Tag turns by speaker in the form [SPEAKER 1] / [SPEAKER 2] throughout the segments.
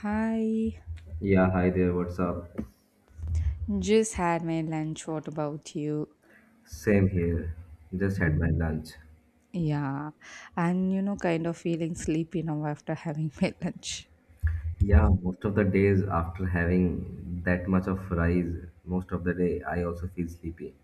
[SPEAKER 1] Hi,
[SPEAKER 2] Yeah, hi there, what's up?
[SPEAKER 1] just had my lunch. What about you?
[SPEAKER 2] Same here. Just had my lunch.
[SPEAKER 1] Yeah, and you know, kind of feeling sleepy now after having my lunch.
[SPEAKER 2] Yeah, most of the days after having that much of rice, most of the day I also feel sleepy.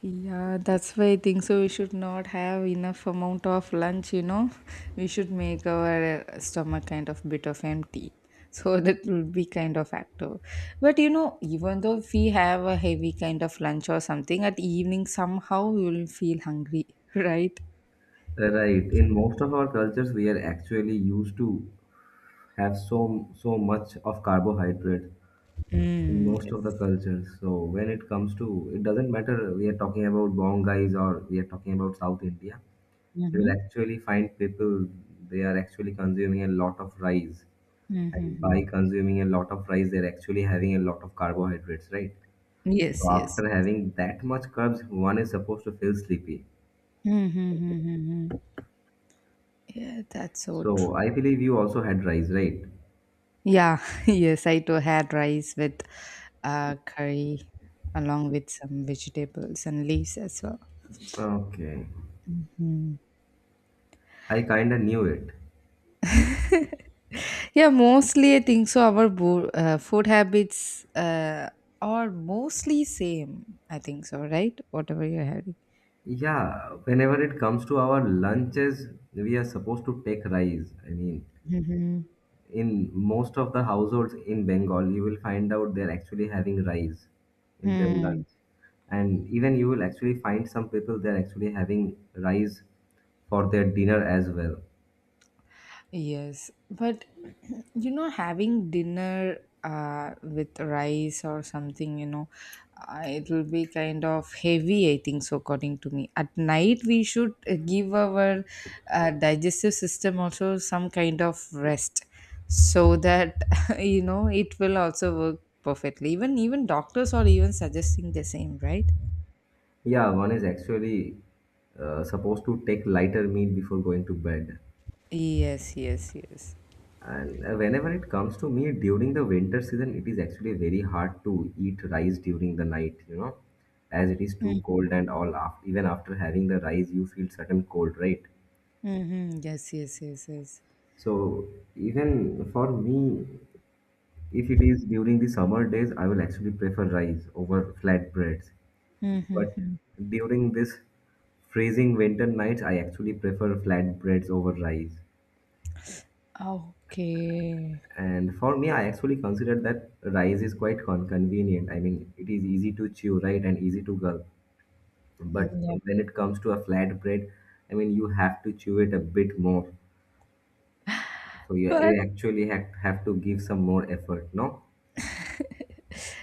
[SPEAKER 1] Yeah, that's why I think so. We should not have enough amount of lunch, you know. We should make our stomach kind of bit of empty. So that will be kind of active. But you know, even though if we have a heavy kind of lunch or something, at evening somehow we will feel hungry, right?
[SPEAKER 2] Right. In most of our cultures, we are actually used to have so much of carbohydrate in
[SPEAKER 1] Mm.
[SPEAKER 2] most of the cultures. So when it comes to, it doesn't matter we are talking about Bongais or we are talking about South India. You will actually find people they are actually consuming a lot of rice. And by
[SPEAKER 1] Mm-hmm.
[SPEAKER 2] consuming a lot of rice, they're actually having a lot of carbohydrates, right?
[SPEAKER 1] Yes,
[SPEAKER 2] So
[SPEAKER 1] yes.
[SPEAKER 2] after having that much carbs, one is supposed to feel sleepy.
[SPEAKER 1] Hmm, hmm, hmm, hmm, hmm. Yeah, that's so
[SPEAKER 2] So I
[SPEAKER 1] true.
[SPEAKER 2] believe you also had rice, right?
[SPEAKER 1] Yeah, yes, I too had rice with curry along with some vegetables and leaves as well.
[SPEAKER 2] Okay.
[SPEAKER 1] Hmm.
[SPEAKER 2] I kind of knew it.
[SPEAKER 1] Yeah, mostly I think so. Our food habits are mostly same. I think so, right? Whatever you're having.
[SPEAKER 2] Yeah, whenever it comes to our lunches, we are supposed to take rice. I mean, in most of the households in Bengal, you will find out they're actually having rice in their
[SPEAKER 1] Mhm.
[SPEAKER 2] lunch. And even you will actually find some people they're actually having rice for their dinner as well.
[SPEAKER 1] Yes, but you know, having dinner with rice or something, you know, it will be kind of heavy, I think so, according to me. At night, we should give our digestive system also some kind of rest so that, you know, it will also work perfectly. Even doctors are even suggesting the same, right?
[SPEAKER 2] Yeah, one is actually supposed to take lighter meal before going to bed.
[SPEAKER 1] Yes, yes, yes.
[SPEAKER 2] And whenever it comes to me during the winter season, it is actually very hard to eat rice during the night, you know, as it is too cold and all. After, even after having the rice, you feel certain cold, right?
[SPEAKER 1] Mm-hmm. Yes, yes, yes, yes.
[SPEAKER 2] So even for me, if it is during the summer days, I will actually prefer rice over flatbreads. But
[SPEAKER 1] Mm-hmm.
[SPEAKER 2] during this freezing winter nights, I actually prefer flatbreads over rice.
[SPEAKER 1] Okay.
[SPEAKER 2] And for me, I actually consider that rice is quite convenient. I mean, it is easy to chew, right, and easy to gulp.
[SPEAKER 1] Mm.
[SPEAKER 2] But
[SPEAKER 1] Yeah,
[SPEAKER 2] when it comes to a flatbread, I mean, you have to chew it a bit more. So you,
[SPEAKER 1] but
[SPEAKER 2] you actually have to give some more effort, no?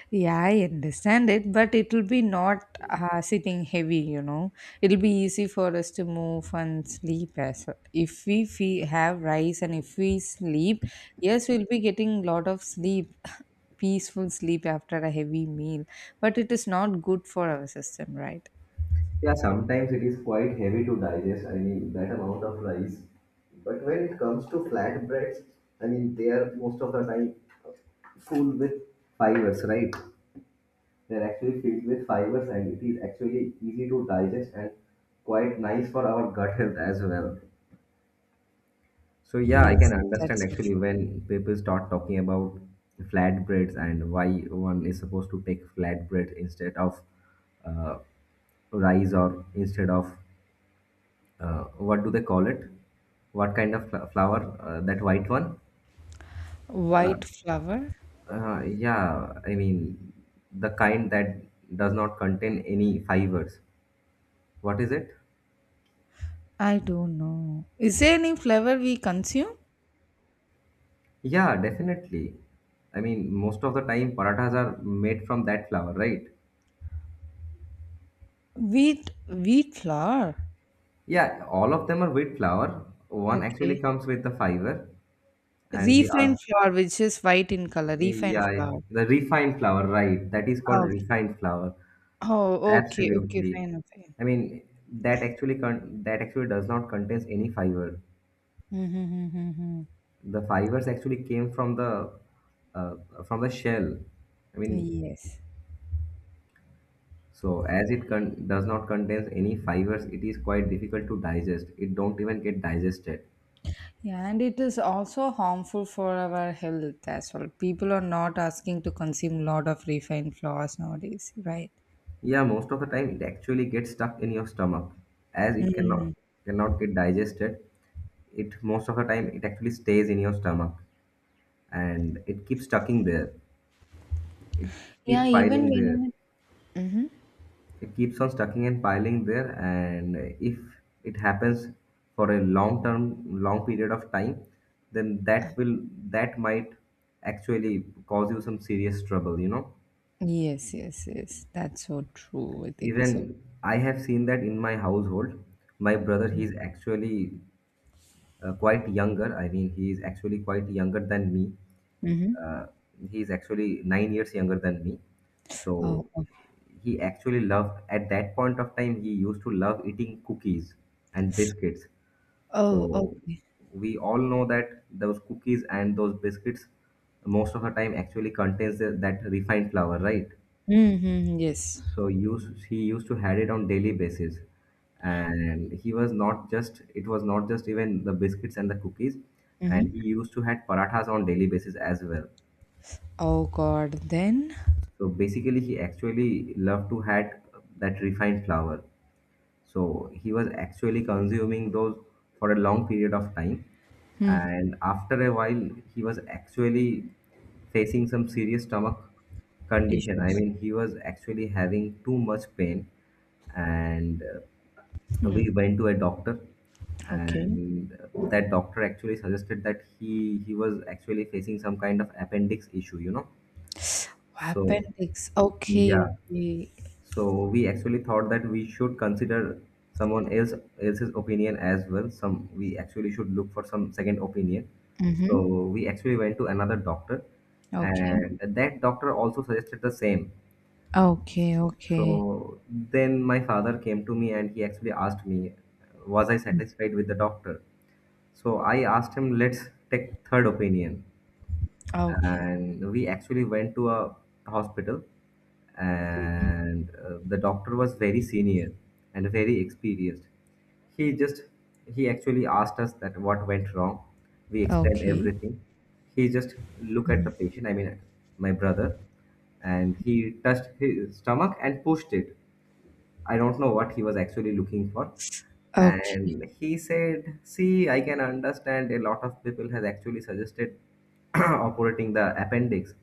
[SPEAKER 1] yeah, I understand it, but it will be not sitting heavy, you know. It'll be easy for us to move and sleep as well. If we fe have rice and if we sleep, yes, we'll be getting lot of sleep, peaceful sleep after a heavy meal, but it is not good for our system, right?
[SPEAKER 2] Yeah, sometimes it is quite heavy to digest. I mean, that amount of rice. But when it comes to flatbreads, I mean, they are most of the time full with fibers, right? They're actually filled with fibers, and it is actually easy to digest and quite nice for our gut health as well. So yeah, I
[SPEAKER 1] Yes,
[SPEAKER 2] can understand
[SPEAKER 1] that's so
[SPEAKER 2] actually
[SPEAKER 1] true.
[SPEAKER 2] when people start talking about flatbreads and why one is supposed to take flatbread instead of uh, rice or instead of what do they call it? What kind of flower? That white one?
[SPEAKER 1] White flour?
[SPEAKER 2] Yeah, I mean, the kind that does not contain any fibers. What is it?
[SPEAKER 1] I don't know. Is there any flour we consume?
[SPEAKER 2] Yeah, definitely. I mean, most of the time parathas are made from that flour, right?
[SPEAKER 1] Wheat flour.
[SPEAKER 2] Yeah, all of them are wheat flour. One actually
[SPEAKER 1] Okay.
[SPEAKER 2] comes with the fiber, and the other,
[SPEAKER 1] Refined flour, which is white in color. Refined
[SPEAKER 2] yeah,
[SPEAKER 1] flour.
[SPEAKER 2] the refined flour, right? That is called
[SPEAKER 1] Ah, okay.
[SPEAKER 2] refined flour.
[SPEAKER 1] Oh, okay, okay,
[SPEAKER 2] Absolutely.
[SPEAKER 1] fine, fine.
[SPEAKER 2] I mean, that actually that actually does not contains any fiber.
[SPEAKER 1] Mm-hmm, mm-hmm, mm-hmm.
[SPEAKER 2] The fibers actually came uh, from the shell. I mean,
[SPEAKER 1] Yes.
[SPEAKER 2] so as it does not contains any fibers, it is quite difficult to digest. It don't even get digested.
[SPEAKER 1] Yeah, and it is also harmful for our health as well. People are not asking to consume lot of refined flours nowadays, right?
[SPEAKER 2] Yeah, most of the time it actually gets stuck in your stomach as it cannot
[SPEAKER 1] Mm.
[SPEAKER 2] cannot get digested. It most of the time it actually stays in your stomach and it keeps stucking there. It
[SPEAKER 1] Yeah,
[SPEAKER 2] keep
[SPEAKER 1] even
[SPEAKER 2] piling there.
[SPEAKER 1] when. Mm-hmm.
[SPEAKER 2] It keeps on stacking and piling there. And if it happens for a long period of time, then that might actually cause you some serious trouble.
[SPEAKER 1] Yes, yes, yes. That's so true. I think
[SPEAKER 2] Even
[SPEAKER 1] so.
[SPEAKER 2] I have seen that in my household. My brother, he's actually quite younger. I mean, he is actually quite younger than me.
[SPEAKER 1] Mm-hmm.
[SPEAKER 2] Uh, he's actually 9 years younger than me.
[SPEAKER 1] Oh,
[SPEAKER 2] So he actually loved, at that point of time, he used to love eating cookies and biscuits.
[SPEAKER 1] oh,
[SPEAKER 2] So
[SPEAKER 1] okay.
[SPEAKER 2] we all know that those cookies and those biscuits most of the time actually contains the, that refined flour, right?
[SPEAKER 1] Mm-hmm. Yes.
[SPEAKER 2] So use he used to had it on daily basis. And he was not just it was not just even the biscuits and the cookies,
[SPEAKER 1] Mm-hmm.
[SPEAKER 2] and he used to had parathas on daily basis as well.
[SPEAKER 1] Oh God. Then.
[SPEAKER 2] So basically, he actually loved to had that refined flour. So he was actually consuming those for a long period of time.
[SPEAKER 1] Mm-hmm.
[SPEAKER 2] And after a while, he was actually facing some serious stomach condition. I
[SPEAKER 1] Issues.
[SPEAKER 2] mean, he was actually having too much pain. And
[SPEAKER 1] Hmm.
[SPEAKER 2] we went to a doctor,
[SPEAKER 1] Okay.
[SPEAKER 2] and that doctor actually suggested that he was actually facing some kind of appendix issue, you know. So,
[SPEAKER 1] Appendix. Okay,
[SPEAKER 2] yeah.
[SPEAKER 1] okay.
[SPEAKER 2] So we actually thought that we should consider someone else else's opinion as well. Some We actually should look for some second opinion.
[SPEAKER 1] Mm-hmm.
[SPEAKER 2] So we actually went to another doctor,
[SPEAKER 1] Okay.
[SPEAKER 2] and that doctor also suggested the same.
[SPEAKER 1] Okay, okay.
[SPEAKER 2] So then my father came to me and he actually asked me, was I
[SPEAKER 1] Mm.
[SPEAKER 2] satisfied with the doctor? So I asked him, let's take third opinion,
[SPEAKER 1] Okay.
[SPEAKER 2] and we actually went to a hospital. And the doctor was very senior and very experienced. he just he actually asked us that what went wrong. We explained
[SPEAKER 1] Okay.
[SPEAKER 2] everything. He just looked at the patient, I mean, my brother, and he touched his stomach and pushed it. I don't know what he was actually looking for.
[SPEAKER 1] Okay.
[SPEAKER 2] And he said, "See, I can understand a lot of people has actually suggested operating the appendix,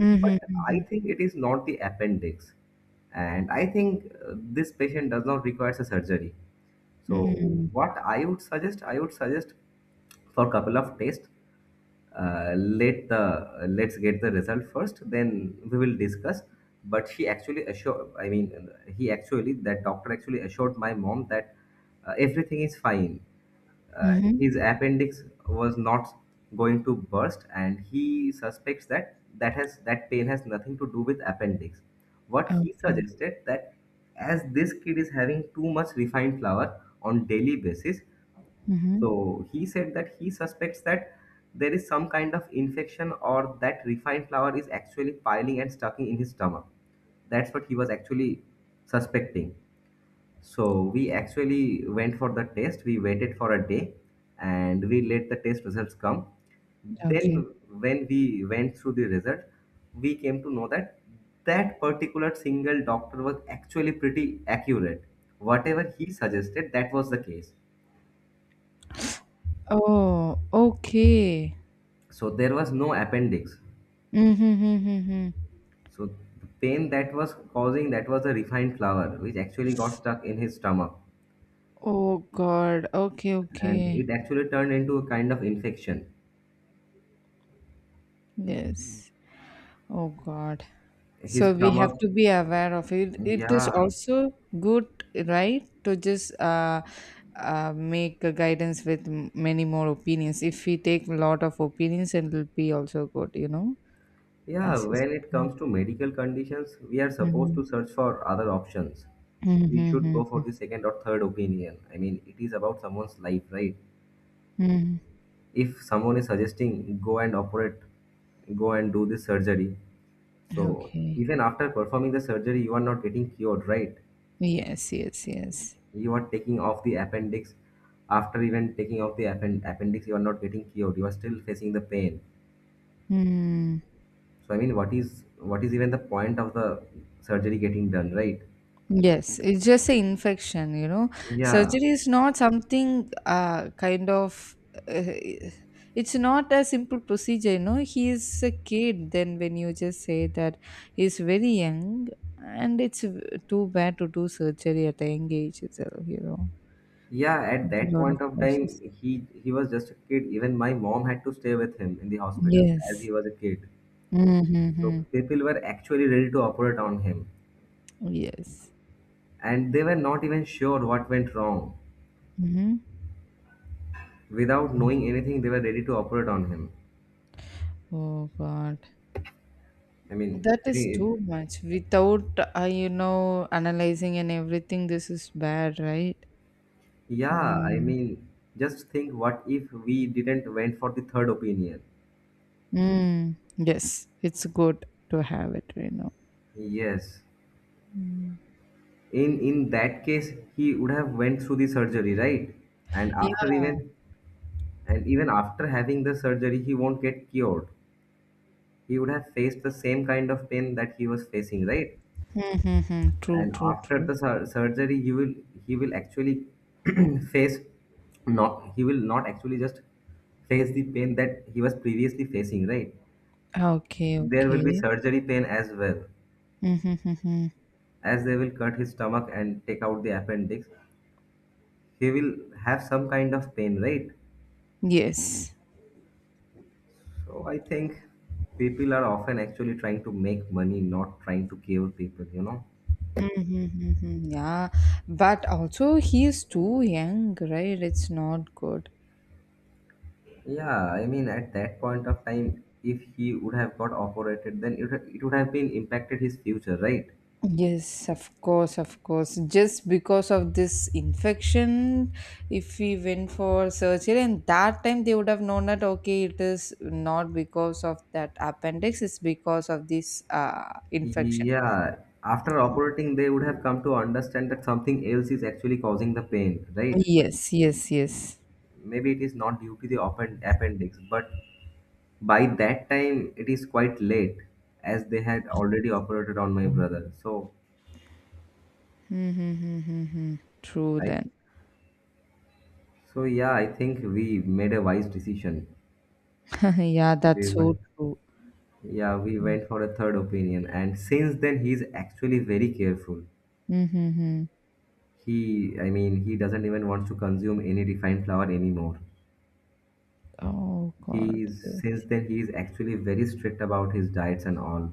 [SPEAKER 1] Mm-hmm,
[SPEAKER 2] but
[SPEAKER 1] mm-hmm,
[SPEAKER 2] I think it is not the appendix. And I think this patient does not require a surgery. So,
[SPEAKER 1] mm-hmm,
[SPEAKER 2] what I would suggest for couple of tests. Let's get the result first, then we will discuss." But she actually assured I mean he actually, that doctor actually assured my mom that everything is fine. Uh,
[SPEAKER 1] mm-hmm.
[SPEAKER 2] his appendix was not going to burst, and he suspects that that has that pain has nothing to do with appendix. What he
[SPEAKER 1] Okay.
[SPEAKER 2] suggested that as this kid is having too much refined flour on daily basis,
[SPEAKER 1] Mm-hmm.
[SPEAKER 2] so he said that he suspects that there is some kind of infection, or that refined flour is actually piling and stucking in his stomach. That's what he was actually suspecting. So we actually went for the test. We waited for a day and we let the test results come.
[SPEAKER 1] Okay.
[SPEAKER 2] Then when we went through the result, we came to know that that particular single doctor was actually pretty accurate. Whatever he suggested, that was the case.
[SPEAKER 1] Oh, okay.
[SPEAKER 2] So there was no appendix.
[SPEAKER 1] Mm-hmm, mm-hmm, mm-hmm.
[SPEAKER 2] So the pain that was causing, that was a refined flour which actually got stuck in his stomach
[SPEAKER 1] Oh God. Okay,
[SPEAKER 2] and
[SPEAKER 1] okay.
[SPEAKER 2] it actually turned into a kind of infection,
[SPEAKER 1] Mm. Yes. Oh God.
[SPEAKER 2] his
[SPEAKER 1] So we have
[SPEAKER 2] stomach.
[SPEAKER 1] to be aware of it. It is
[SPEAKER 2] Yeah,
[SPEAKER 1] also good, right, to just make a guidance with many more opinions. If we take a lot of opinions, it will be also good, you know.
[SPEAKER 2] yeah,
[SPEAKER 1] As you
[SPEAKER 2] when it
[SPEAKER 1] said.
[SPEAKER 2] comes to medical conditions, we are supposed
[SPEAKER 1] Mhm.
[SPEAKER 2] to search for other options.
[SPEAKER 1] Mhm,
[SPEAKER 2] We should
[SPEAKER 1] mhm,
[SPEAKER 2] go for
[SPEAKER 1] mhm,
[SPEAKER 2] the second or third opinion. I mean, it is about someone's life, right?
[SPEAKER 1] mhm.
[SPEAKER 2] If someone is suggesting go and operate, go and do this surgery. So
[SPEAKER 1] Okay.
[SPEAKER 2] even after performing the surgery, you are not getting cured, right?
[SPEAKER 1] Yes, yes, yes.
[SPEAKER 2] You are taking off the appendix. After even taking off the appendix, you are not getting cured. You are still facing the pain.
[SPEAKER 1] Hmm.
[SPEAKER 2] So I mean, what is even the point of the surgery getting done, right?
[SPEAKER 1] Yes, it's just an infection, you know.
[SPEAKER 2] Yeah,
[SPEAKER 1] Surgery is not something kind of. It's not a simple procedure, you know. He is a kid. Then when you just say that he's very young, and too bad to do surgery at a young age itself, you know.
[SPEAKER 2] yeah. At
[SPEAKER 1] It's a
[SPEAKER 2] that
[SPEAKER 1] lot of
[SPEAKER 2] point of time,
[SPEAKER 1] process.
[SPEAKER 2] he was just a kid. Even my mom had to stay with him in the hospital as
[SPEAKER 1] Yes.
[SPEAKER 2] he was a kid.
[SPEAKER 1] Mm-hmm,
[SPEAKER 2] So
[SPEAKER 1] mm-hmm.
[SPEAKER 2] people were actually ready to operate on him,
[SPEAKER 1] Yes.
[SPEAKER 2] and they were not even sure what went wrong.
[SPEAKER 1] Mm-hmm.
[SPEAKER 2] Without knowing anything, they were ready to operate on him.
[SPEAKER 1] Oh God.
[SPEAKER 2] I mean,
[SPEAKER 1] That is
[SPEAKER 2] it-
[SPEAKER 1] too much. Without, you know, analyzing and everything, this is bad, right?
[SPEAKER 2] yeah, I
[SPEAKER 1] Mm.
[SPEAKER 2] mean, just think what if we didn't went for the third opinion?
[SPEAKER 1] Mm. Yes, it's good to have it, you know.
[SPEAKER 2] Yes.
[SPEAKER 1] Mm.
[SPEAKER 2] In that case, he would have went through the surgery, right? And
[SPEAKER 1] Yeah.
[SPEAKER 2] after even and even after having the surgery, he won't get cured. He would have faced the same kind of pain that he was facing, right?
[SPEAKER 1] Mm-hmm. True,
[SPEAKER 2] And
[SPEAKER 1] true,
[SPEAKER 2] after
[SPEAKER 1] true.
[SPEAKER 2] the surgery, he will actually face, not he will not actually just face the pain that he was previously facing, right?
[SPEAKER 1] Okay,
[SPEAKER 2] There will be
[SPEAKER 1] okay.
[SPEAKER 2] surgery pain as well,
[SPEAKER 1] Mm-hmm.
[SPEAKER 2] as they will cut his stomach and take out the appendix. He will have some kind of pain, right?
[SPEAKER 1] Yes.
[SPEAKER 2] So I think people are often actually trying to make money, not trying to cure people, you know.
[SPEAKER 1] Mm-hmm. Yeah. But also, he is too young, right? It's not good.
[SPEAKER 2] Yeah, I mean, at that point of time, if he would have got operated, then it would have been impacted his future, right?
[SPEAKER 1] Yes, of course, of course. Just because of this infection, if we went for surgery, and that time they would have known that okay, it is not because of that appendix, it's because of this infection.
[SPEAKER 2] Yeah, after operating, they would have come to understand that something else is actually causing the pain, right?
[SPEAKER 1] Yes, yes, yes.
[SPEAKER 2] Maybe it is not due to the open appendix, but by that time, it is quite late as they had already operated on my brother. So,
[SPEAKER 1] Mm-hmm. True
[SPEAKER 2] I,
[SPEAKER 1] then.
[SPEAKER 2] so yeah, I think we made a wise decision.
[SPEAKER 1] yeah,
[SPEAKER 2] We
[SPEAKER 1] that's so
[SPEAKER 2] were-
[SPEAKER 1] true.
[SPEAKER 2] Yeah, we went for a third opinion, and since then he's actually very careful.
[SPEAKER 1] Mm-hmm.
[SPEAKER 2] He, I mean, he doesn't even want to consume any refined flour anymore.
[SPEAKER 1] Oh God.
[SPEAKER 2] He's since
[SPEAKER 1] Yes.
[SPEAKER 2] then he's actually very strict about his diets and all.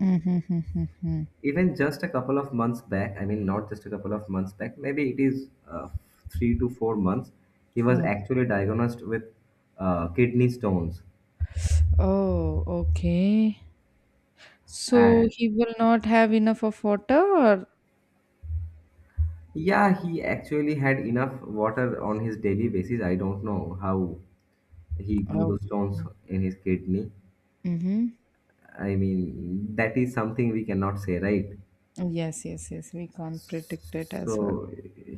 [SPEAKER 1] Mm-hmm.
[SPEAKER 2] Even just a couple of months back, I mean, not just a couple of months back, maybe it is 3 to 4 months, he was
[SPEAKER 1] Oh.
[SPEAKER 2] actually diagnosed with kidney stones.
[SPEAKER 1] Oh, okay. So
[SPEAKER 2] And
[SPEAKER 1] he will not have enough of water, or
[SPEAKER 2] yeah, he actually had enough water on his daily basis. I don't know how he grew
[SPEAKER 1] okay.
[SPEAKER 2] those stones in his kidney.
[SPEAKER 1] Mm-hmm.
[SPEAKER 2] I mean, that is something we cannot say, right?
[SPEAKER 1] Oh, yes, yes, yes. We can't predict it as well.
[SPEAKER 2] So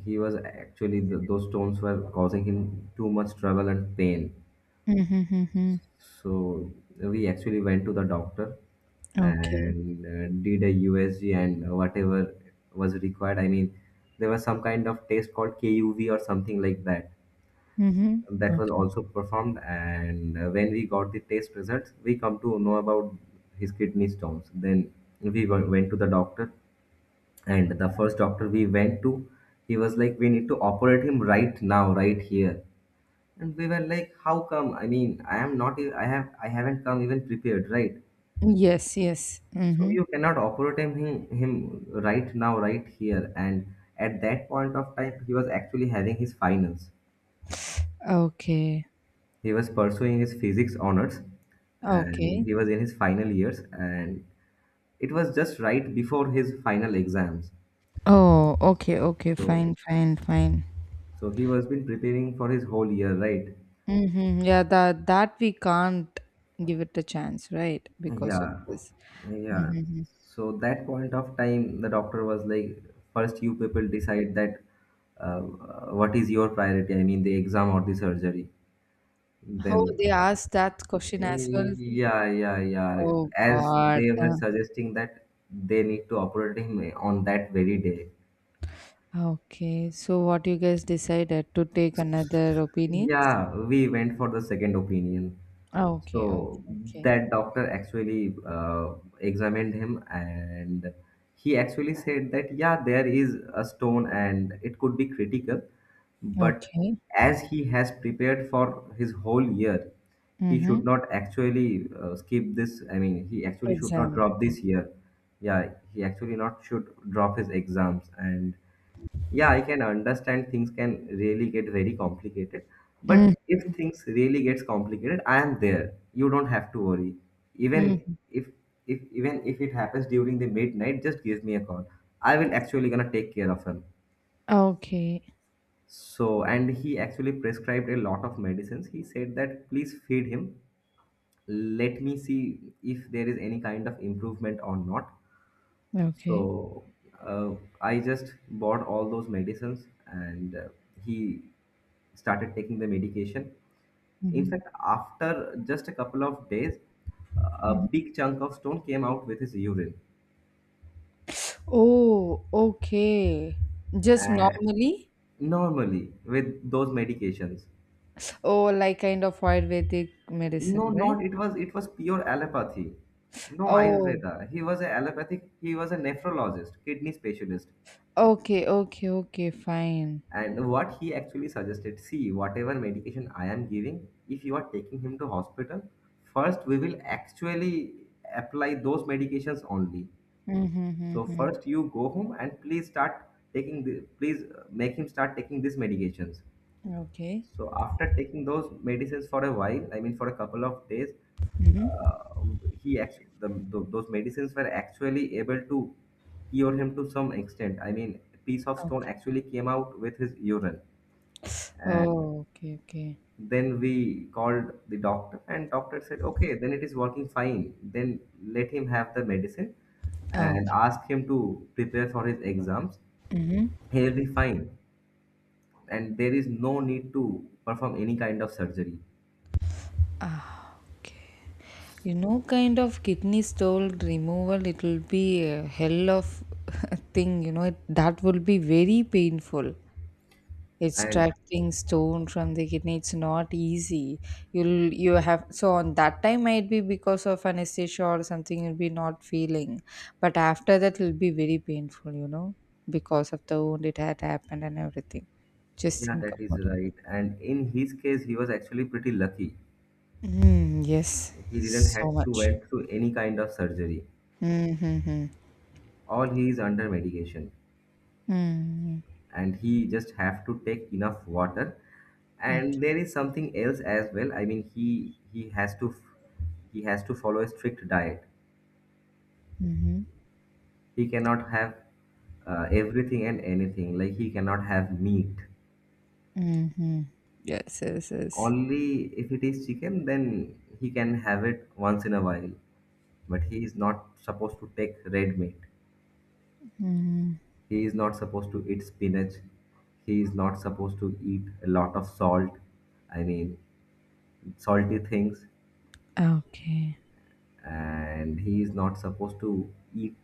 [SPEAKER 2] he was actually those stones were causing him too much trouble and pain.
[SPEAKER 1] Mm-hmm, mm-hmm.
[SPEAKER 2] So we actually went to the doctor
[SPEAKER 1] Okay.
[SPEAKER 2] and did a USG and whatever was required. I mean, there was some kind of test called KUV or something like that.
[SPEAKER 1] Mm-hmm.
[SPEAKER 2] That was
[SPEAKER 1] Okay.
[SPEAKER 2] also performed and when we got the test results we come to know about his kidney stones, then went to the doctor, and the first doctor we went to, he was like, we need to operate him right now, right here. And we were like, how come? I mean, I am not e- I have, I haven't come even prepared, right?
[SPEAKER 1] Yes, yes.
[SPEAKER 2] So
[SPEAKER 1] Mm-hmm.
[SPEAKER 2] you cannot operate him, him right now, right here. And at that point of time he was actually having his finals.
[SPEAKER 1] Okay.
[SPEAKER 2] He was pursuing his physics honors, and
[SPEAKER 1] Okay.
[SPEAKER 2] he was in his final years, and it was just right before his final exams.
[SPEAKER 1] Oh, okay, okay. Fine,
[SPEAKER 2] So
[SPEAKER 1] fine, fine.
[SPEAKER 2] so he was been preparing for his whole year, right?
[SPEAKER 1] Mm-hmm. Yeah, that that we can't give it a chance, right? Because of
[SPEAKER 2] Yeah.
[SPEAKER 1] this.
[SPEAKER 2] Yeah.
[SPEAKER 1] Mm-hmm.
[SPEAKER 2] So that point of time, the doctor was like, first you people decide that what is your priority, I mean the exam or the surgery.
[SPEAKER 1] How
[SPEAKER 2] Then
[SPEAKER 1] they asked that question as well.
[SPEAKER 2] yeah, yeah, yeah.
[SPEAKER 1] Oh
[SPEAKER 2] As
[SPEAKER 1] God.
[SPEAKER 2] they were suggesting that they need to operate him on that very day.
[SPEAKER 1] Okay. So what you guys decided to take another opinion?
[SPEAKER 2] Yeah, we went for the second opinion.
[SPEAKER 1] Ah, okay,
[SPEAKER 2] So
[SPEAKER 1] okay, okay.
[SPEAKER 2] that doctor actually examined him, and he actually said that, yeah, there is a stone and it could be critical, but
[SPEAKER 1] Okay.
[SPEAKER 2] as he has prepared for his whole year, he
[SPEAKER 1] Mm-hmm.
[SPEAKER 2] should not actually skip this. I mean, he actually should not
[SPEAKER 1] Exam.
[SPEAKER 2] drop this year. Yeah, he actually not should drop his exams, and yeah, I can understand things can really get very complicated. But if things really gets complicated, I am there. You don't have to worry. Even
[SPEAKER 1] Mm-hmm.
[SPEAKER 2] if even if it happens during the midnight, just give me a call. I will actually gonna take care of him.
[SPEAKER 1] Okay.
[SPEAKER 2] So and he actually prescribed a lot of medicines. He said that please feed him. Let me see if there is any kind of improvement or not.
[SPEAKER 1] Okay.
[SPEAKER 2] So uh, I just bought all those medicines, and he started taking the medication. In
[SPEAKER 1] Mm-hmm.
[SPEAKER 2] fact, after just a couple of days, a big chunk of stone came out with his urine.
[SPEAKER 1] Oh, okay. Just
[SPEAKER 2] And
[SPEAKER 1] normally?
[SPEAKER 2] normally with those medications,
[SPEAKER 1] Oh, like kind of Ayurvedic medicine,
[SPEAKER 2] no,
[SPEAKER 1] right?
[SPEAKER 2] not it was it was pure allopathy. No
[SPEAKER 1] Oh,
[SPEAKER 2] Ayurveda. He was an allopathic. He was a nephrologist, kidney specialist.
[SPEAKER 1] okay, okay, okay, fine.
[SPEAKER 2] And what he actually suggested, see, whatever medication I am giving, if you are taking him to hospital, first we will actually apply those medications only.
[SPEAKER 1] Mm-hmm,
[SPEAKER 2] So
[SPEAKER 1] mm-hmm.
[SPEAKER 2] first you go home and please please make him start taking these medications.
[SPEAKER 1] Okay.
[SPEAKER 2] So after taking those medicines for a while, I mean for a couple of days,
[SPEAKER 1] Mm-hmm.
[SPEAKER 2] uh, he actually those medicines were actually able to cure him to some extent. I mean, a piece of stone
[SPEAKER 1] Okay.
[SPEAKER 2] actually came out with his urine, and
[SPEAKER 1] Oh, okay, okay.
[SPEAKER 2] then we called the doctor, and doctor said, okay, then it is working fine, then let him have the medicine
[SPEAKER 1] Okay.
[SPEAKER 2] and ask him to prepare for his exams.
[SPEAKER 1] Mm-hmm.
[SPEAKER 2] He will be fine and there is no need to perform any kind of surgery.
[SPEAKER 1] You know, kind of kidney stone removal, it will be a hell of a thing. You know, it, that will be very painful.
[SPEAKER 2] And
[SPEAKER 1] Extracting stone from the kidney, it's not easy. You'll you have so on that time might be because of anesthesia or something. You'll be not feeling, but after that, it'll be very painful. You know, because of the wound it had happened and everything. Just
[SPEAKER 2] yeah,
[SPEAKER 1] think
[SPEAKER 2] that is
[SPEAKER 1] about it.
[SPEAKER 2] right, and in his case he was actually pretty lucky.
[SPEAKER 1] Mm, yes,
[SPEAKER 2] He didn't
[SPEAKER 1] so
[SPEAKER 2] had to
[SPEAKER 1] much.
[SPEAKER 2] went through any kind of surgery.
[SPEAKER 1] Mm-hmm.
[SPEAKER 2] All he is under medication,
[SPEAKER 1] Mm-hmm.
[SPEAKER 2] and he just have to take enough water, and there is something else as well. I mean, he has to follow a strict diet.
[SPEAKER 1] Mhm.
[SPEAKER 2] He cannot have everything and anything. Like he cannot have meat,
[SPEAKER 1] Mhm. Yes, yes, yes.
[SPEAKER 2] only if it is chicken then he can have it once in a while, but he is not supposed to take red meat.
[SPEAKER 1] Mhm.
[SPEAKER 2] He is not supposed to eat spinach. He is not supposed to eat a lot of salt, I mean salty things,
[SPEAKER 1] Okay.
[SPEAKER 2] and he is not supposed to eat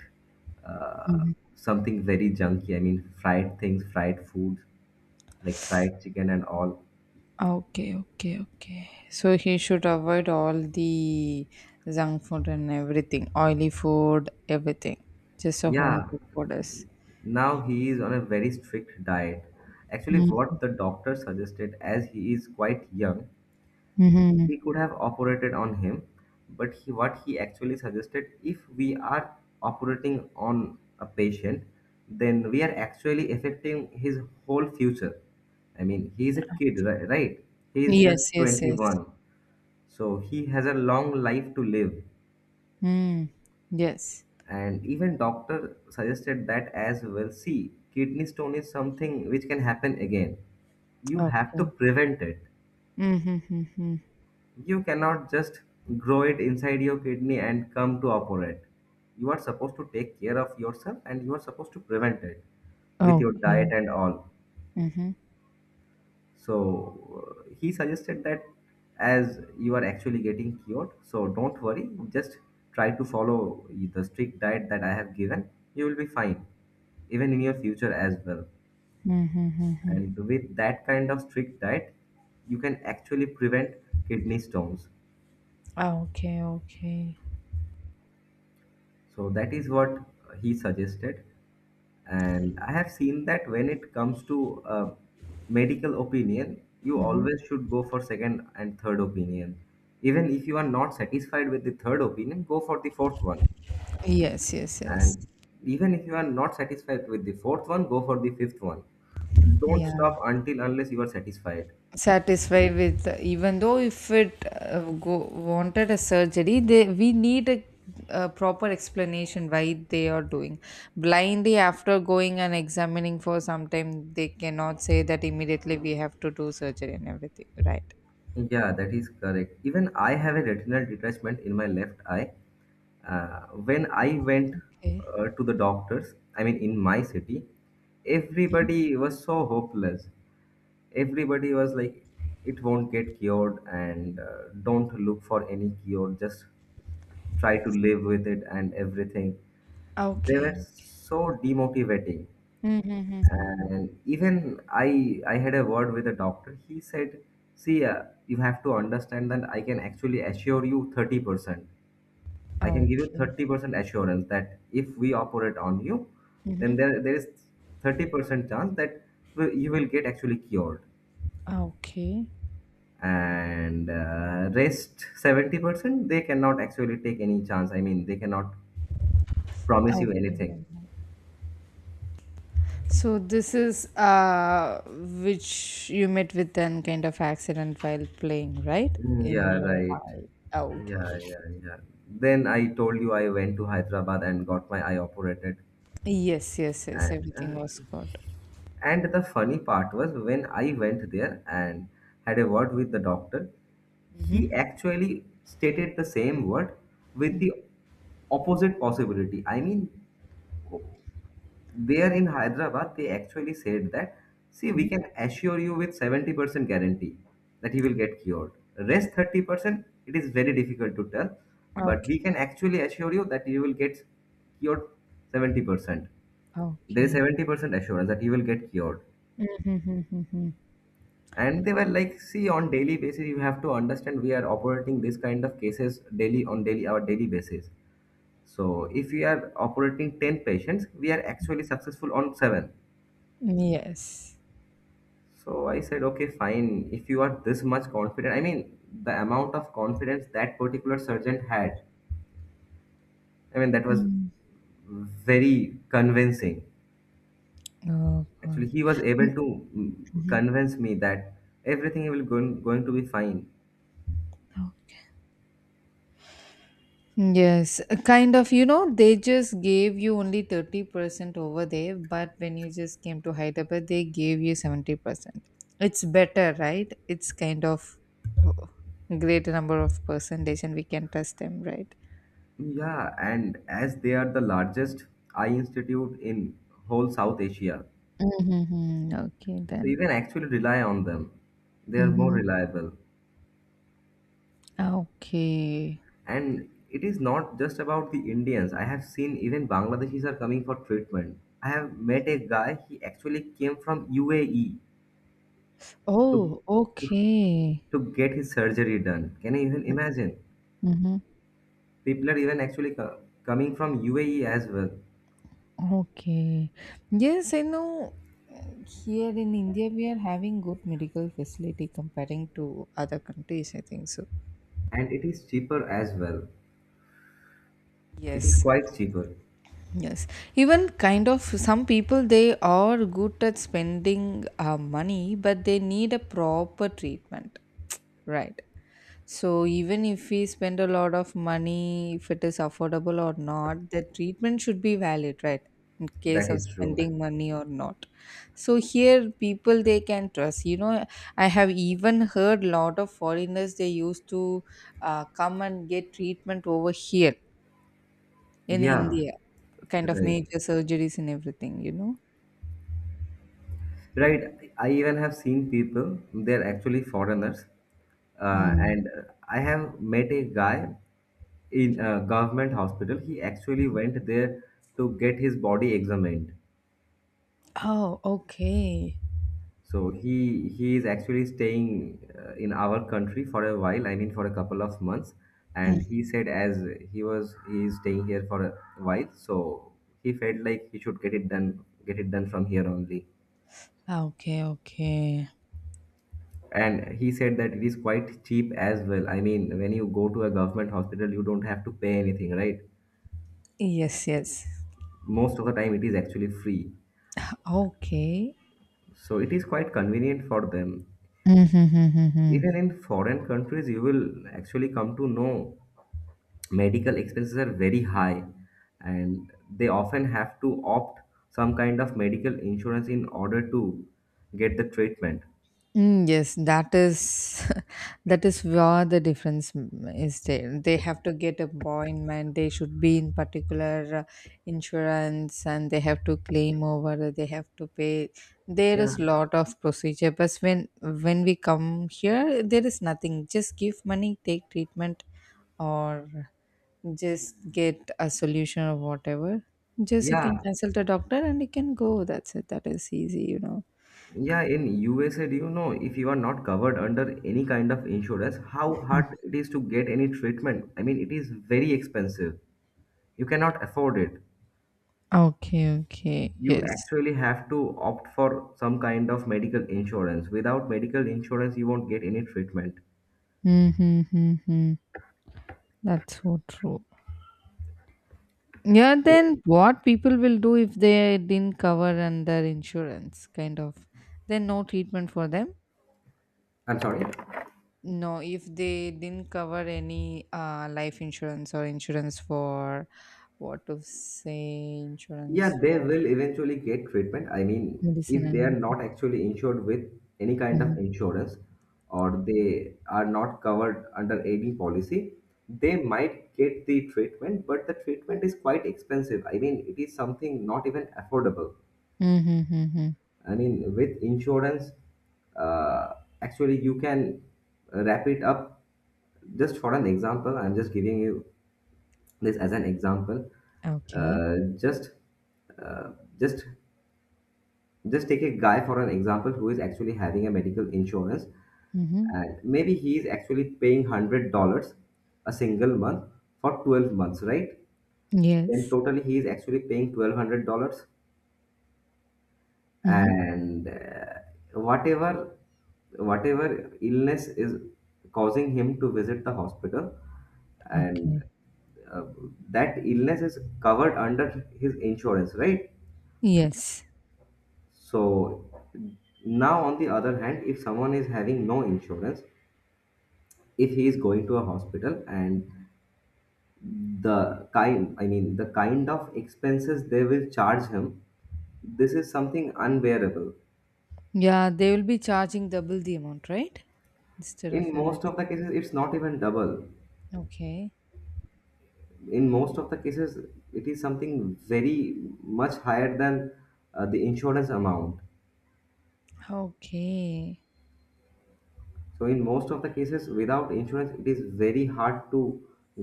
[SPEAKER 2] uh,
[SPEAKER 1] Mhm.
[SPEAKER 2] something very junky. I mean, fried things, fried food, like fried chicken and all.
[SPEAKER 1] Okay, okay, okay. So he should avoid all the junk food and everything, oily food, everything. Just a home
[SPEAKER 2] Yeah,
[SPEAKER 1] cooked food is.
[SPEAKER 2] now he is on a very strict diet. Actually,
[SPEAKER 1] Mhm.
[SPEAKER 2] what the doctor suggested, as he is quite young,
[SPEAKER 1] Mhm.
[SPEAKER 2] we could have operated on him, but what he actually suggested, if we are operating on a patient, then we are actually affecting his whole future. I mean, he is a kid, right? He is just
[SPEAKER 1] Yes, yes, yes.
[SPEAKER 2] 21. So he has a long life to live.
[SPEAKER 1] Mm. Yes.
[SPEAKER 2] And even doctor suggested that as well. See, kidney stone is something which can happen again. You have to
[SPEAKER 1] Okay.
[SPEAKER 2] prevent it.
[SPEAKER 1] Mhm. Mhm.
[SPEAKER 2] You cannot just grow it inside your kidney and come to operate. You are supposed to take care of yourself and you are supposed to prevent it with your diet
[SPEAKER 1] Okay.
[SPEAKER 2] and all.
[SPEAKER 1] Mhm.
[SPEAKER 2] So he suggested that as you are actually getting cured, so don't worry, just try to follow the strict diet that I have given. You will be fine, even in your future as well.
[SPEAKER 1] Mhm. Mhm.
[SPEAKER 2] And with that kind of strict diet, you can actually prevent kidney stones.
[SPEAKER 1] Okay, okay.
[SPEAKER 2] So that is what he suggested. And I have seen that when it comes to medical opinion, you always should go for second and third opinion. Even if you are not satisfied with the third opinion, go for the fourth one.
[SPEAKER 1] Yes, yes, yes.
[SPEAKER 2] And even if you are not satisfied with the fourth one, go for the fifth one. Don't
[SPEAKER 1] Yeah.
[SPEAKER 2] stop until unless you are satisfied.
[SPEAKER 1] Satisfied with even though if it go, wanted a surgery they we need a proper explanation why they are doing blindly. After going and examining for some time they cannot say that immediately we have to do surgery and everything, right?
[SPEAKER 2] Yeah, that is correct. Even I have a retinal detachment in my left eye. When I went
[SPEAKER 1] Okay,
[SPEAKER 2] to the doctors, I mean, in my city, everybody was so hopeless. Everybody was like, it won't get cured, and don't look for any cure, just try to live with it and everything. They were
[SPEAKER 1] okay.
[SPEAKER 2] so demotivating,
[SPEAKER 1] Mm-hmm.
[SPEAKER 2] and even I had a word with a doctor. He said, see, you have to understand that I can actually assure you 30%. I can give you
[SPEAKER 1] Okay.
[SPEAKER 2] 30% assurance that if we operate on you,
[SPEAKER 1] Mm-hmm.
[SPEAKER 2] then there is 30% chance that you will get actually cured,
[SPEAKER 1] Okay,
[SPEAKER 2] and rest 70% they cannot actually take any chance. I mean, they cannot promise you anything.
[SPEAKER 1] okay. So this is which you met with an kind of accident while playing, right? In
[SPEAKER 2] Yeah,
[SPEAKER 1] your
[SPEAKER 2] right.
[SPEAKER 1] eye. Oh, okay,
[SPEAKER 2] Yeah,
[SPEAKER 1] okay.
[SPEAKER 2] yeah, yeah. Then I told you I went to Hyderabad and got my eye operated.
[SPEAKER 1] Yes, yes, yes.
[SPEAKER 2] And
[SPEAKER 1] Everything
[SPEAKER 2] uh,
[SPEAKER 1] was good.
[SPEAKER 2] and the funny part was when I went there and had a word with the doctor,
[SPEAKER 1] Mm-hmm.
[SPEAKER 2] he actually stated the same word with the opposite possibility. I mean, there in Hyderabad, they actually said that, see, we
[SPEAKER 1] Mm-hmm.
[SPEAKER 2] can assure you with 70% guarantee that he will get cured. Rest 30%, it is very difficult to tell, but
[SPEAKER 1] Okay.
[SPEAKER 2] we can actually assure you that you will get cured 70%. There is
[SPEAKER 1] Okay.
[SPEAKER 2] 70% assurance that you will get cured.
[SPEAKER 1] Mm-hmm, mm-hmm, mm-hmm.
[SPEAKER 2] And they were like, see, on daily basis, you have to understand we are operating this kind of cases daily on daily basis. So if we are operating 10 patients, we are actually successful on 7.
[SPEAKER 1] Yes.
[SPEAKER 2] So I said, okay, fine. If you are this much confident, I mean, the amount of confidence that particular surgeon had, I mean, that was
[SPEAKER 1] Mm.
[SPEAKER 2] very convincing.
[SPEAKER 1] Oh God.
[SPEAKER 2] Actually, he was able to convince me that everything will going to be fine.
[SPEAKER 1] Yes, kind of, you know, they just gave you only 30% over there, but when you just came to Hyderabad, they gave you 70%. It's better, right? It's kind of uh, greater number of percentage and we can trust them, right?
[SPEAKER 2] Yeah, and as they are the largest eye institute in whole South Asia,
[SPEAKER 1] Mm-hmm. Okay,
[SPEAKER 2] so
[SPEAKER 1] then.
[SPEAKER 2] you can actually rely on them. They are more
[SPEAKER 1] Mm-hmm.
[SPEAKER 2] reliable.
[SPEAKER 1] Okay.
[SPEAKER 2] And it is not just about the Indians. I have seen even Bangladeshis are coming for treatment. I have met a guy, he actually came from UAE to,
[SPEAKER 1] Oh,
[SPEAKER 2] to,
[SPEAKER 1] okay.
[SPEAKER 2] to get his surgery done. Can you even imagine?
[SPEAKER 1] Hmm.
[SPEAKER 2] People are even actually coming from UAE as well.
[SPEAKER 1] Okay. Yes, I know. Here in India, we are having good medical facility comparing to other countries. I think so.
[SPEAKER 2] And it is cheaper as well. It is
[SPEAKER 1] Yes.
[SPEAKER 2] quite cheaper.
[SPEAKER 1] Yes. Even kind of some people they are good at spending money, but they need a proper treatment. Right. So even if we spend a lot of money, if it is affordable or not, the treatment should be valid, right? In case
[SPEAKER 2] That
[SPEAKER 1] of
[SPEAKER 2] is true.
[SPEAKER 1] spending money or not. So here people they can trust. You know, I have even heard lot of foreigners they used to come and get treatment over here in
[SPEAKER 2] Yeah,
[SPEAKER 1] India, kind of
[SPEAKER 2] right.
[SPEAKER 1] major surgeries and everything. You know.
[SPEAKER 2] Right. I even have seen people, they're actually foreigners.
[SPEAKER 1] Mm.
[SPEAKER 2] And I have met a guy in a government hospital. He actually went there to get his body examined.
[SPEAKER 1] Oh, okay.
[SPEAKER 2] So he is actually staying in our country for a while, I mean for a couple of months. And
[SPEAKER 1] Mm.
[SPEAKER 2] he said as he is staying here for a while, so he felt like he should get it done from here only.
[SPEAKER 1] Ah, okay, okay.
[SPEAKER 2] And he said that it is quite cheap as well. I mean when you go to a government hospital you don't have to pay anything, right?
[SPEAKER 1] Yes. Yes.
[SPEAKER 2] Most of the time it is actually free,
[SPEAKER 1] Okay.
[SPEAKER 2] so it is quite convenient for them.
[SPEAKER 1] Mm-hmm.
[SPEAKER 2] Even in foreign countries you will actually come to know medical expenses are very high, and they often have to opt some kind of medical insurance in order to get the treatment.
[SPEAKER 1] Mm, yes, that is that is where the difference mm, is there. They have to get appointment. They should be in particular insurance, and they have to claim over. They have to pay. There
[SPEAKER 2] Yeah.
[SPEAKER 1] is lot of procedure. But when we come here, there is nothing. Just give money, take treatment, or just get a solution or whatever. Just you can
[SPEAKER 2] Yeah.
[SPEAKER 1] consult a doctor and you can go. That's it. That is easy, you know.
[SPEAKER 2] Yeah, in USA, do you know if you are not covered under any kind of insurance how hard it is to get any treatment? I mean it is very expensive, you cannot afford it.
[SPEAKER 1] Okay, okay.
[SPEAKER 2] You
[SPEAKER 1] Yes.
[SPEAKER 2] actually have to opt for some kind of medical insurance. Without medical insurance you won't get any treatment.
[SPEAKER 1] Mhm, mhm, mhm. That's so true. Yeah, then what people will do if they didn't cover under insurance, kind of. Then no treatment for them?
[SPEAKER 2] I'm sorry.
[SPEAKER 1] No, if they didn't cover any life insurance or insurance for what to say,
[SPEAKER 2] Yeah,
[SPEAKER 1] insurance
[SPEAKER 2] they
[SPEAKER 1] for
[SPEAKER 2] will eventually get treatment. I mean
[SPEAKER 1] medicine
[SPEAKER 2] if
[SPEAKER 1] and
[SPEAKER 2] they are
[SPEAKER 1] everything.
[SPEAKER 2] not actually insured with any kind of
[SPEAKER 1] Mhm.
[SPEAKER 2] insurance, or they are not covered under any policy, they might get the treatment, but the treatment is quite expensive. I mean it is something not even affordable.
[SPEAKER 1] Mm-hmm, mm-hmm.
[SPEAKER 2] I mean, with insurance, uh, actually, you can wrap it up. Just for an example, I'm just giving you this as an example.
[SPEAKER 1] Okay.
[SPEAKER 2] Uh, just, uh, just, just take a guy for an example who is actually having a medical insurance,
[SPEAKER 1] Mm-hmm.
[SPEAKER 2] and maybe he is actually paying $100 a single month for 12 months, right? Then
[SPEAKER 1] Yes.
[SPEAKER 2] totally, he is actually paying $1,200
[SPEAKER 1] Mm-hmm.
[SPEAKER 2] and whatever whatever illness is causing him to visit the hospital and
[SPEAKER 1] Okay.
[SPEAKER 2] uh, that illness is covered under his insurance, right?
[SPEAKER 1] Yes.
[SPEAKER 2] So now on the other hand, if someone is having no insurance, if he is going to a hospital and the kind, I mean the kind of expenses they will charge him, this is something unbearable.
[SPEAKER 1] Yeah, they will be charging double the amount, right? Instead of
[SPEAKER 2] In most of
[SPEAKER 1] everything.
[SPEAKER 2] the cases it's not even double.
[SPEAKER 1] Okay.
[SPEAKER 2] In most of the cases it is something very much higher than the insurance amount.
[SPEAKER 1] Okay.
[SPEAKER 2] So in most of the cases without insurance it is very hard to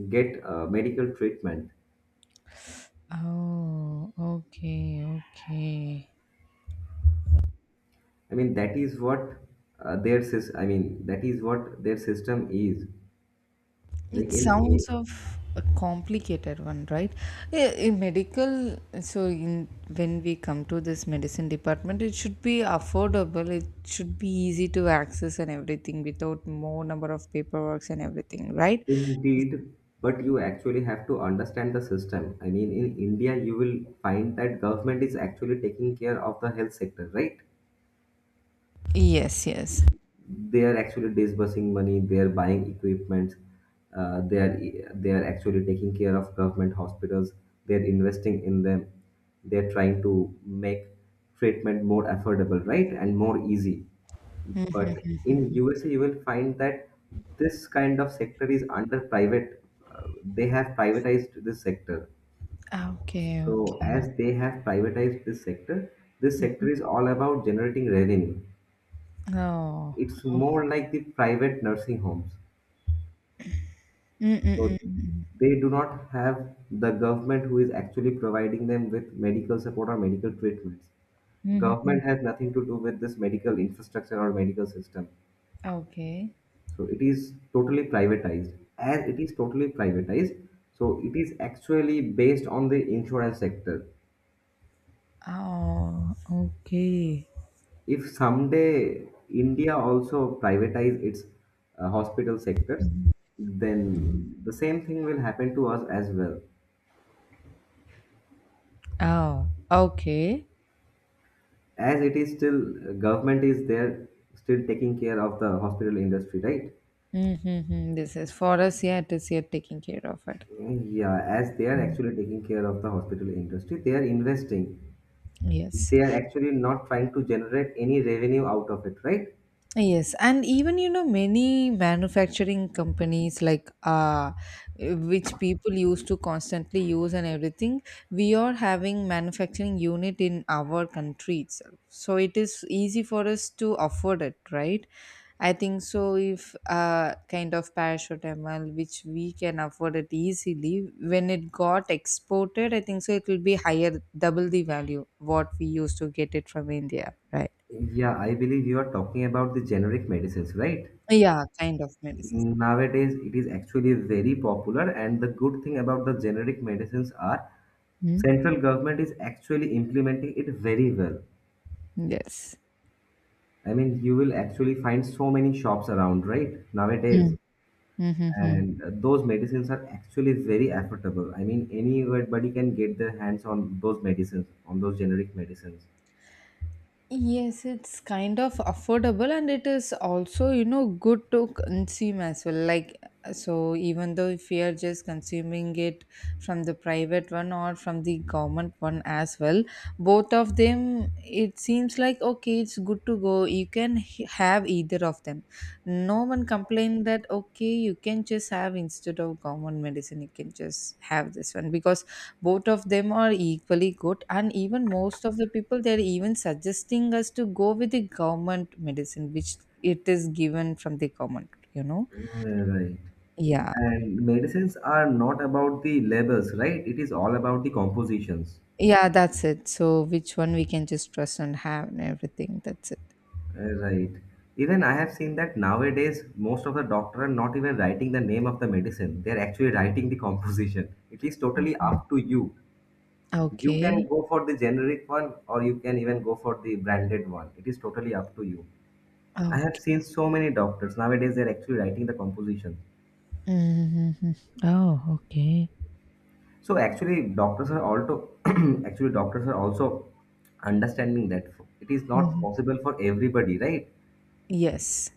[SPEAKER 2] get medical treatment.
[SPEAKER 1] Oh, okay, okay.
[SPEAKER 2] I mean that is what I mean that is what their system is like
[SPEAKER 1] It
[SPEAKER 2] in
[SPEAKER 1] sounds of a complicated one, right? Yeah, in medical, so in when we come to this medicine department, it should be affordable. It should be easy to access and everything without more number of paperwork and everything, right?
[SPEAKER 2] indeed. But you actually have to understand the system. I mean in India you will find that government is actually taking care of the health sector, right?
[SPEAKER 1] Yes, yes.
[SPEAKER 2] They are actually disbursing money, they are buying equipment, uh, they are they are actually taking care of government hospitals, they are investing in them, they are trying to make treatment more affordable, right? And more easy. But in USA you will find that this kind of sector is under private, uh, they have privatized this sector.
[SPEAKER 1] Ah, okay,
[SPEAKER 2] So
[SPEAKER 1] okay.
[SPEAKER 2] as they have privatized this sector, this sector is all about generating revenue.
[SPEAKER 1] Oh.
[SPEAKER 2] It's more like the private nursing homes.
[SPEAKER 1] Mm, mm, mm,
[SPEAKER 2] So
[SPEAKER 1] mm.
[SPEAKER 2] they do not have the government who is actually providing them with medical support or medical treatments.
[SPEAKER 1] Mhm.
[SPEAKER 2] Government has nothing to do with this medical infrastructure or medical system.
[SPEAKER 1] Okay.
[SPEAKER 2] So it is totally privatized. As it is totally privatized, so it is actually based on the insurance sector.
[SPEAKER 1] Oh, okay.
[SPEAKER 2] If someday India also privatize its hospital sectors, then the same thing will happen to us as well.
[SPEAKER 1] Oh, okay.
[SPEAKER 2] As it is still, government is there still taking care of the hospital industry, right?
[SPEAKER 1] Mm-hmm. This is for us, yeah, it is here taking care of it.
[SPEAKER 2] Yeah, as they are
[SPEAKER 1] Mm.
[SPEAKER 2] actually taking care of the hospital industry, they are investing,
[SPEAKER 1] Yes.
[SPEAKER 2] they are actually not trying to generate any revenue out of it, right?
[SPEAKER 1] Yes, and even you know many manufacturing companies like which people used to constantly use and everything, we are having manufacturing unit in our country itself. So it is easy for us to afford it, right? I think so if kind of paracetamol which we can afford it easily, when it got exported, I think so it will be higher double the value what we used to get it from India, right?
[SPEAKER 2] Yeah, I believe you are talking about the generic medicines, right?
[SPEAKER 1] Yeah, kind of medicines.
[SPEAKER 2] Nowadays it is actually very popular, and the good thing about the generic medicines are, central government is actually implementing it very well.
[SPEAKER 1] Yes.
[SPEAKER 2] I mean, you will actually find so many shops around, right? Nowadays.
[SPEAKER 1] Mm. Mm-hmm.
[SPEAKER 2] And those medicines are actually very affordable. I mean, anybody can get their hands on those medicines, on those generic medicines.
[SPEAKER 1] Yes, it's kind of affordable and it is also, you know, good to consume as well. Like, so even though if we are just consuming it from the private one or from the government one as well, both of them, it seems like okay, it's good to go. You can have either of them. No one complained that okay, you can just have instead of government medicine, you can just have this one because both of them are equally good and even most of the people they're even suggesting us to go with the government medicine which it is given from the government, you know.
[SPEAKER 2] Mm. Right.
[SPEAKER 1] Yeah,
[SPEAKER 2] And medicines are not about the labels, right? It is all about the compositions.
[SPEAKER 1] yeah, that's it. So which one we can just trust and have and everything, that's it.
[SPEAKER 2] Right. Even I have seen that nowadays most of the doctor are not even writing the name of the medicine. They're actually writing the composition. It is totally
[SPEAKER 1] Mhm.
[SPEAKER 2] up to you. You
[SPEAKER 1] Okay,
[SPEAKER 2] can go for the generic one or you can even go for the branded one. It is totally up to you. I have
[SPEAKER 1] okay.
[SPEAKER 2] seen so many doctors nowadays they're actually writing the composition.
[SPEAKER 1] Hmm. Oh, okay.
[SPEAKER 2] So actually doctors are also actually doctors are also understanding that it is not
[SPEAKER 1] Hmm.
[SPEAKER 2] possible for everybody, right?
[SPEAKER 1] Yes.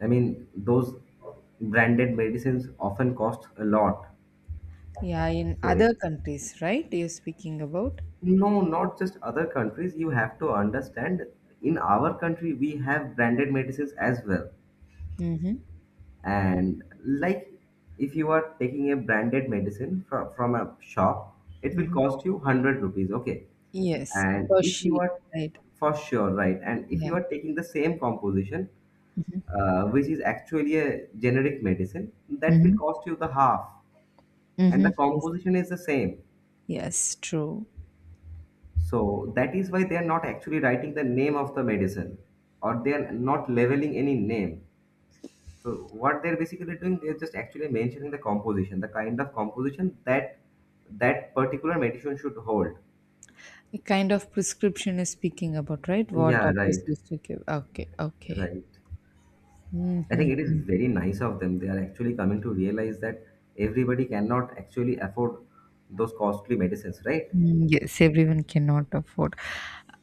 [SPEAKER 2] I mean those branded medicines often cost a lot.
[SPEAKER 1] Yeah, in
[SPEAKER 2] So
[SPEAKER 1] other countries, right? You're speaking about?
[SPEAKER 2] no, not just other countries. You have to understand, in our country we have branded medicines as well.
[SPEAKER 1] Mm-hmm.
[SPEAKER 2] And like, if you are taking a branded medicine from, a shop, it will
[SPEAKER 1] Mm-hmm.
[SPEAKER 2] cost you 100 rupees, okay?
[SPEAKER 1] Yes,
[SPEAKER 2] And
[SPEAKER 1] per
[SPEAKER 2] if you
[SPEAKER 1] sheet,
[SPEAKER 2] are,
[SPEAKER 1] right?
[SPEAKER 2] for sure, right? And if
[SPEAKER 1] Yeah.
[SPEAKER 2] you are taking the same composition, which is actually a generic medicine, that will
[SPEAKER 1] Mm-hmm.
[SPEAKER 2] cost you the half. And
[SPEAKER 1] Mm-hmm.
[SPEAKER 2] the
[SPEAKER 1] Yes.
[SPEAKER 2] composition is the same.
[SPEAKER 1] Yes, true.
[SPEAKER 2] So that is why they are not actually writing the name of the medicine, or they are not leveling any name. So what they're basically doing, they're just actually mentioning the composition, the kind of composition that that particular meditation should hold.
[SPEAKER 1] A kind of prescription is speaking about, right? What
[SPEAKER 2] Yeah,
[SPEAKER 1] doctors
[SPEAKER 2] right,
[SPEAKER 1] used to give. Okay, okay.
[SPEAKER 2] right. I think it is very nice of them. They are actually coming to realize that everybody cannot actually afford those costly medicines, right?
[SPEAKER 1] Mm, yes, everyone cannot afford.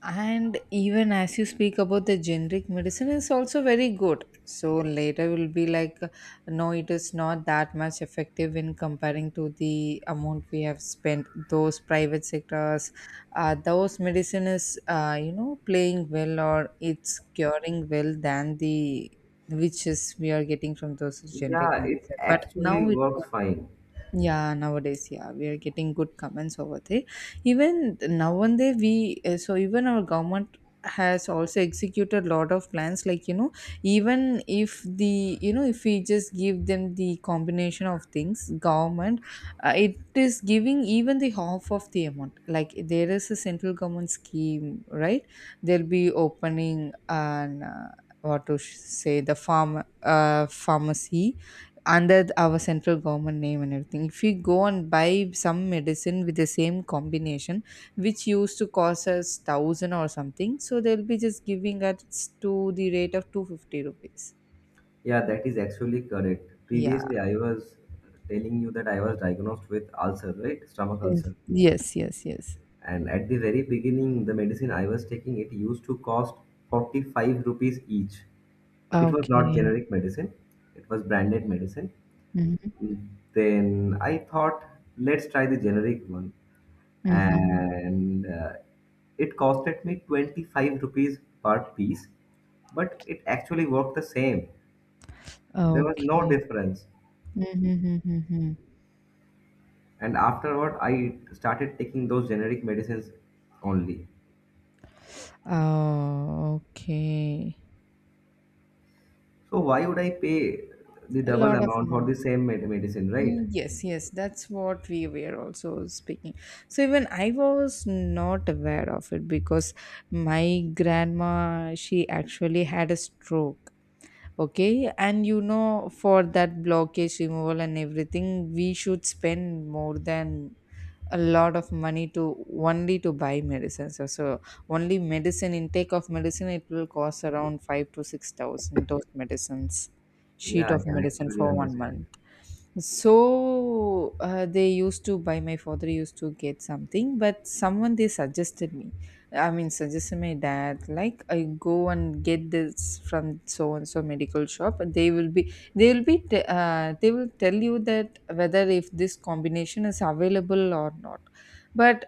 [SPEAKER 1] And even as you speak about the generic medicine, is also very good. So later will be like, no, it is not that much effective in comparing to the amount we have spent. Those private sectors, those medicine is, you know, playing well or it's curing well than the which is we are getting from those generic
[SPEAKER 2] Yeah, it
[SPEAKER 1] medicine. But now
[SPEAKER 2] actually
[SPEAKER 1] it got
[SPEAKER 2] works fine.
[SPEAKER 1] yeah, nowadays, yeah, we are getting good comments over there. Even now and then, we so even our government has also executed lot of plans. Like you know, even if the you know if we just give them the combination of things, government it is giving even the half of the amount. Like there is a central government scheme, right? They'll be opening an what to say the farm pharmacy under our central government name and everything if we go and buy some medicine with the same combination which used to cost us 1000 or something, so they'll be just giving us to the rate of 250 rupees.
[SPEAKER 2] Yeah, that is actually correct.
[SPEAKER 1] Yeah,
[SPEAKER 2] Previously, I was telling you that I was diagnosed with ulcer, right? Stomach
[SPEAKER 1] yes,
[SPEAKER 2] ulcer.
[SPEAKER 1] yes, yes, yes.
[SPEAKER 2] And at the very beginning, the medicine I was taking, it used to cost 45 rupees each. It was not
[SPEAKER 1] Okay.
[SPEAKER 2] generic medicine, it was branded medicine.
[SPEAKER 1] Hmm,
[SPEAKER 2] Then I thought, let's try the generic one.
[SPEAKER 1] hmm.
[SPEAKER 2] And it costed me 25 rupees per piece, but it actually worked the same. There was no
[SPEAKER 1] Okay.
[SPEAKER 2] difference.
[SPEAKER 1] Hmm, hmm.
[SPEAKER 2] And afterward, I started taking those generic medicines only.
[SPEAKER 1] Oh, okay.
[SPEAKER 2] So why would I pay the
[SPEAKER 1] A
[SPEAKER 2] double
[SPEAKER 1] lot of
[SPEAKER 2] amount for the
[SPEAKER 1] amount.
[SPEAKER 2] same medicine, right?
[SPEAKER 1] Mm, yes, yes, that's what we were also speaking. So even I was not aware of it because my grandma, she actually had a stroke. Okay, and you know, for that blockage removal and everything, we should spend more than a lot of money to only to buy medicines. So, so only medicine intake of medicine it will cost around 5 to 6 thousand those medicines, sheet
[SPEAKER 2] Yeah,
[SPEAKER 1] of
[SPEAKER 2] I can
[SPEAKER 1] medicine
[SPEAKER 2] actually
[SPEAKER 1] for one
[SPEAKER 2] understand.
[SPEAKER 1] month. So they used to buy my father used to get something, but someone they suggested me. I mean, suggested my dad like I go and get this from so and so medical shop. They will be they will be they will tell you that whether if this combination is available or not. But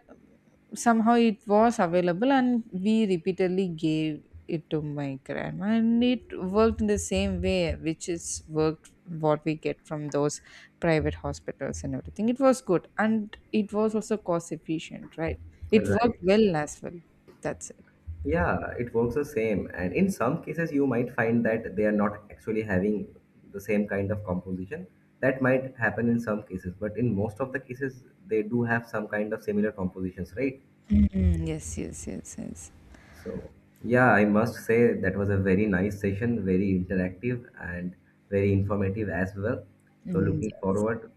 [SPEAKER 1] somehow it was available and we repeatedly gave it to my grandma and it worked in the same way which is worked what we get from those private hospitals and everything. It was good and it was also cost efficient, right? It worked
[SPEAKER 2] Right.
[SPEAKER 1] well as well, that's it.
[SPEAKER 2] Yeah, it works the same. And in some cases, you might find that they are not actually having the same kind of composition. That might happen in some cases, but in most of the cases, they do have some kind of similar compositions, right?
[SPEAKER 1] Mhm. Yes, yes, yes, yes.
[SPEAKER 2] So, yeah, I must say that was a very nice session, very interactive and very informative as well. So,
[SPEAKER 1] Mm,
[SPEAKER 2] looking
[SPEAKER 1] yeah.
[SPEAKER 2] forward,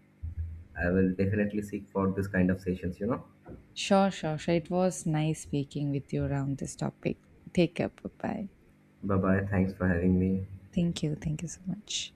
[SPEAKER 2] I will definitely seek for this kind of sessions, you know.
[SPEAKER 1] Sure, sure, sure, it was nice speaking with you around this topic. Take care. Bye.
[SPEAKER 2] Bye bye. Thanks for having me.
[SPEAKER 1] Thank you, thank you so much.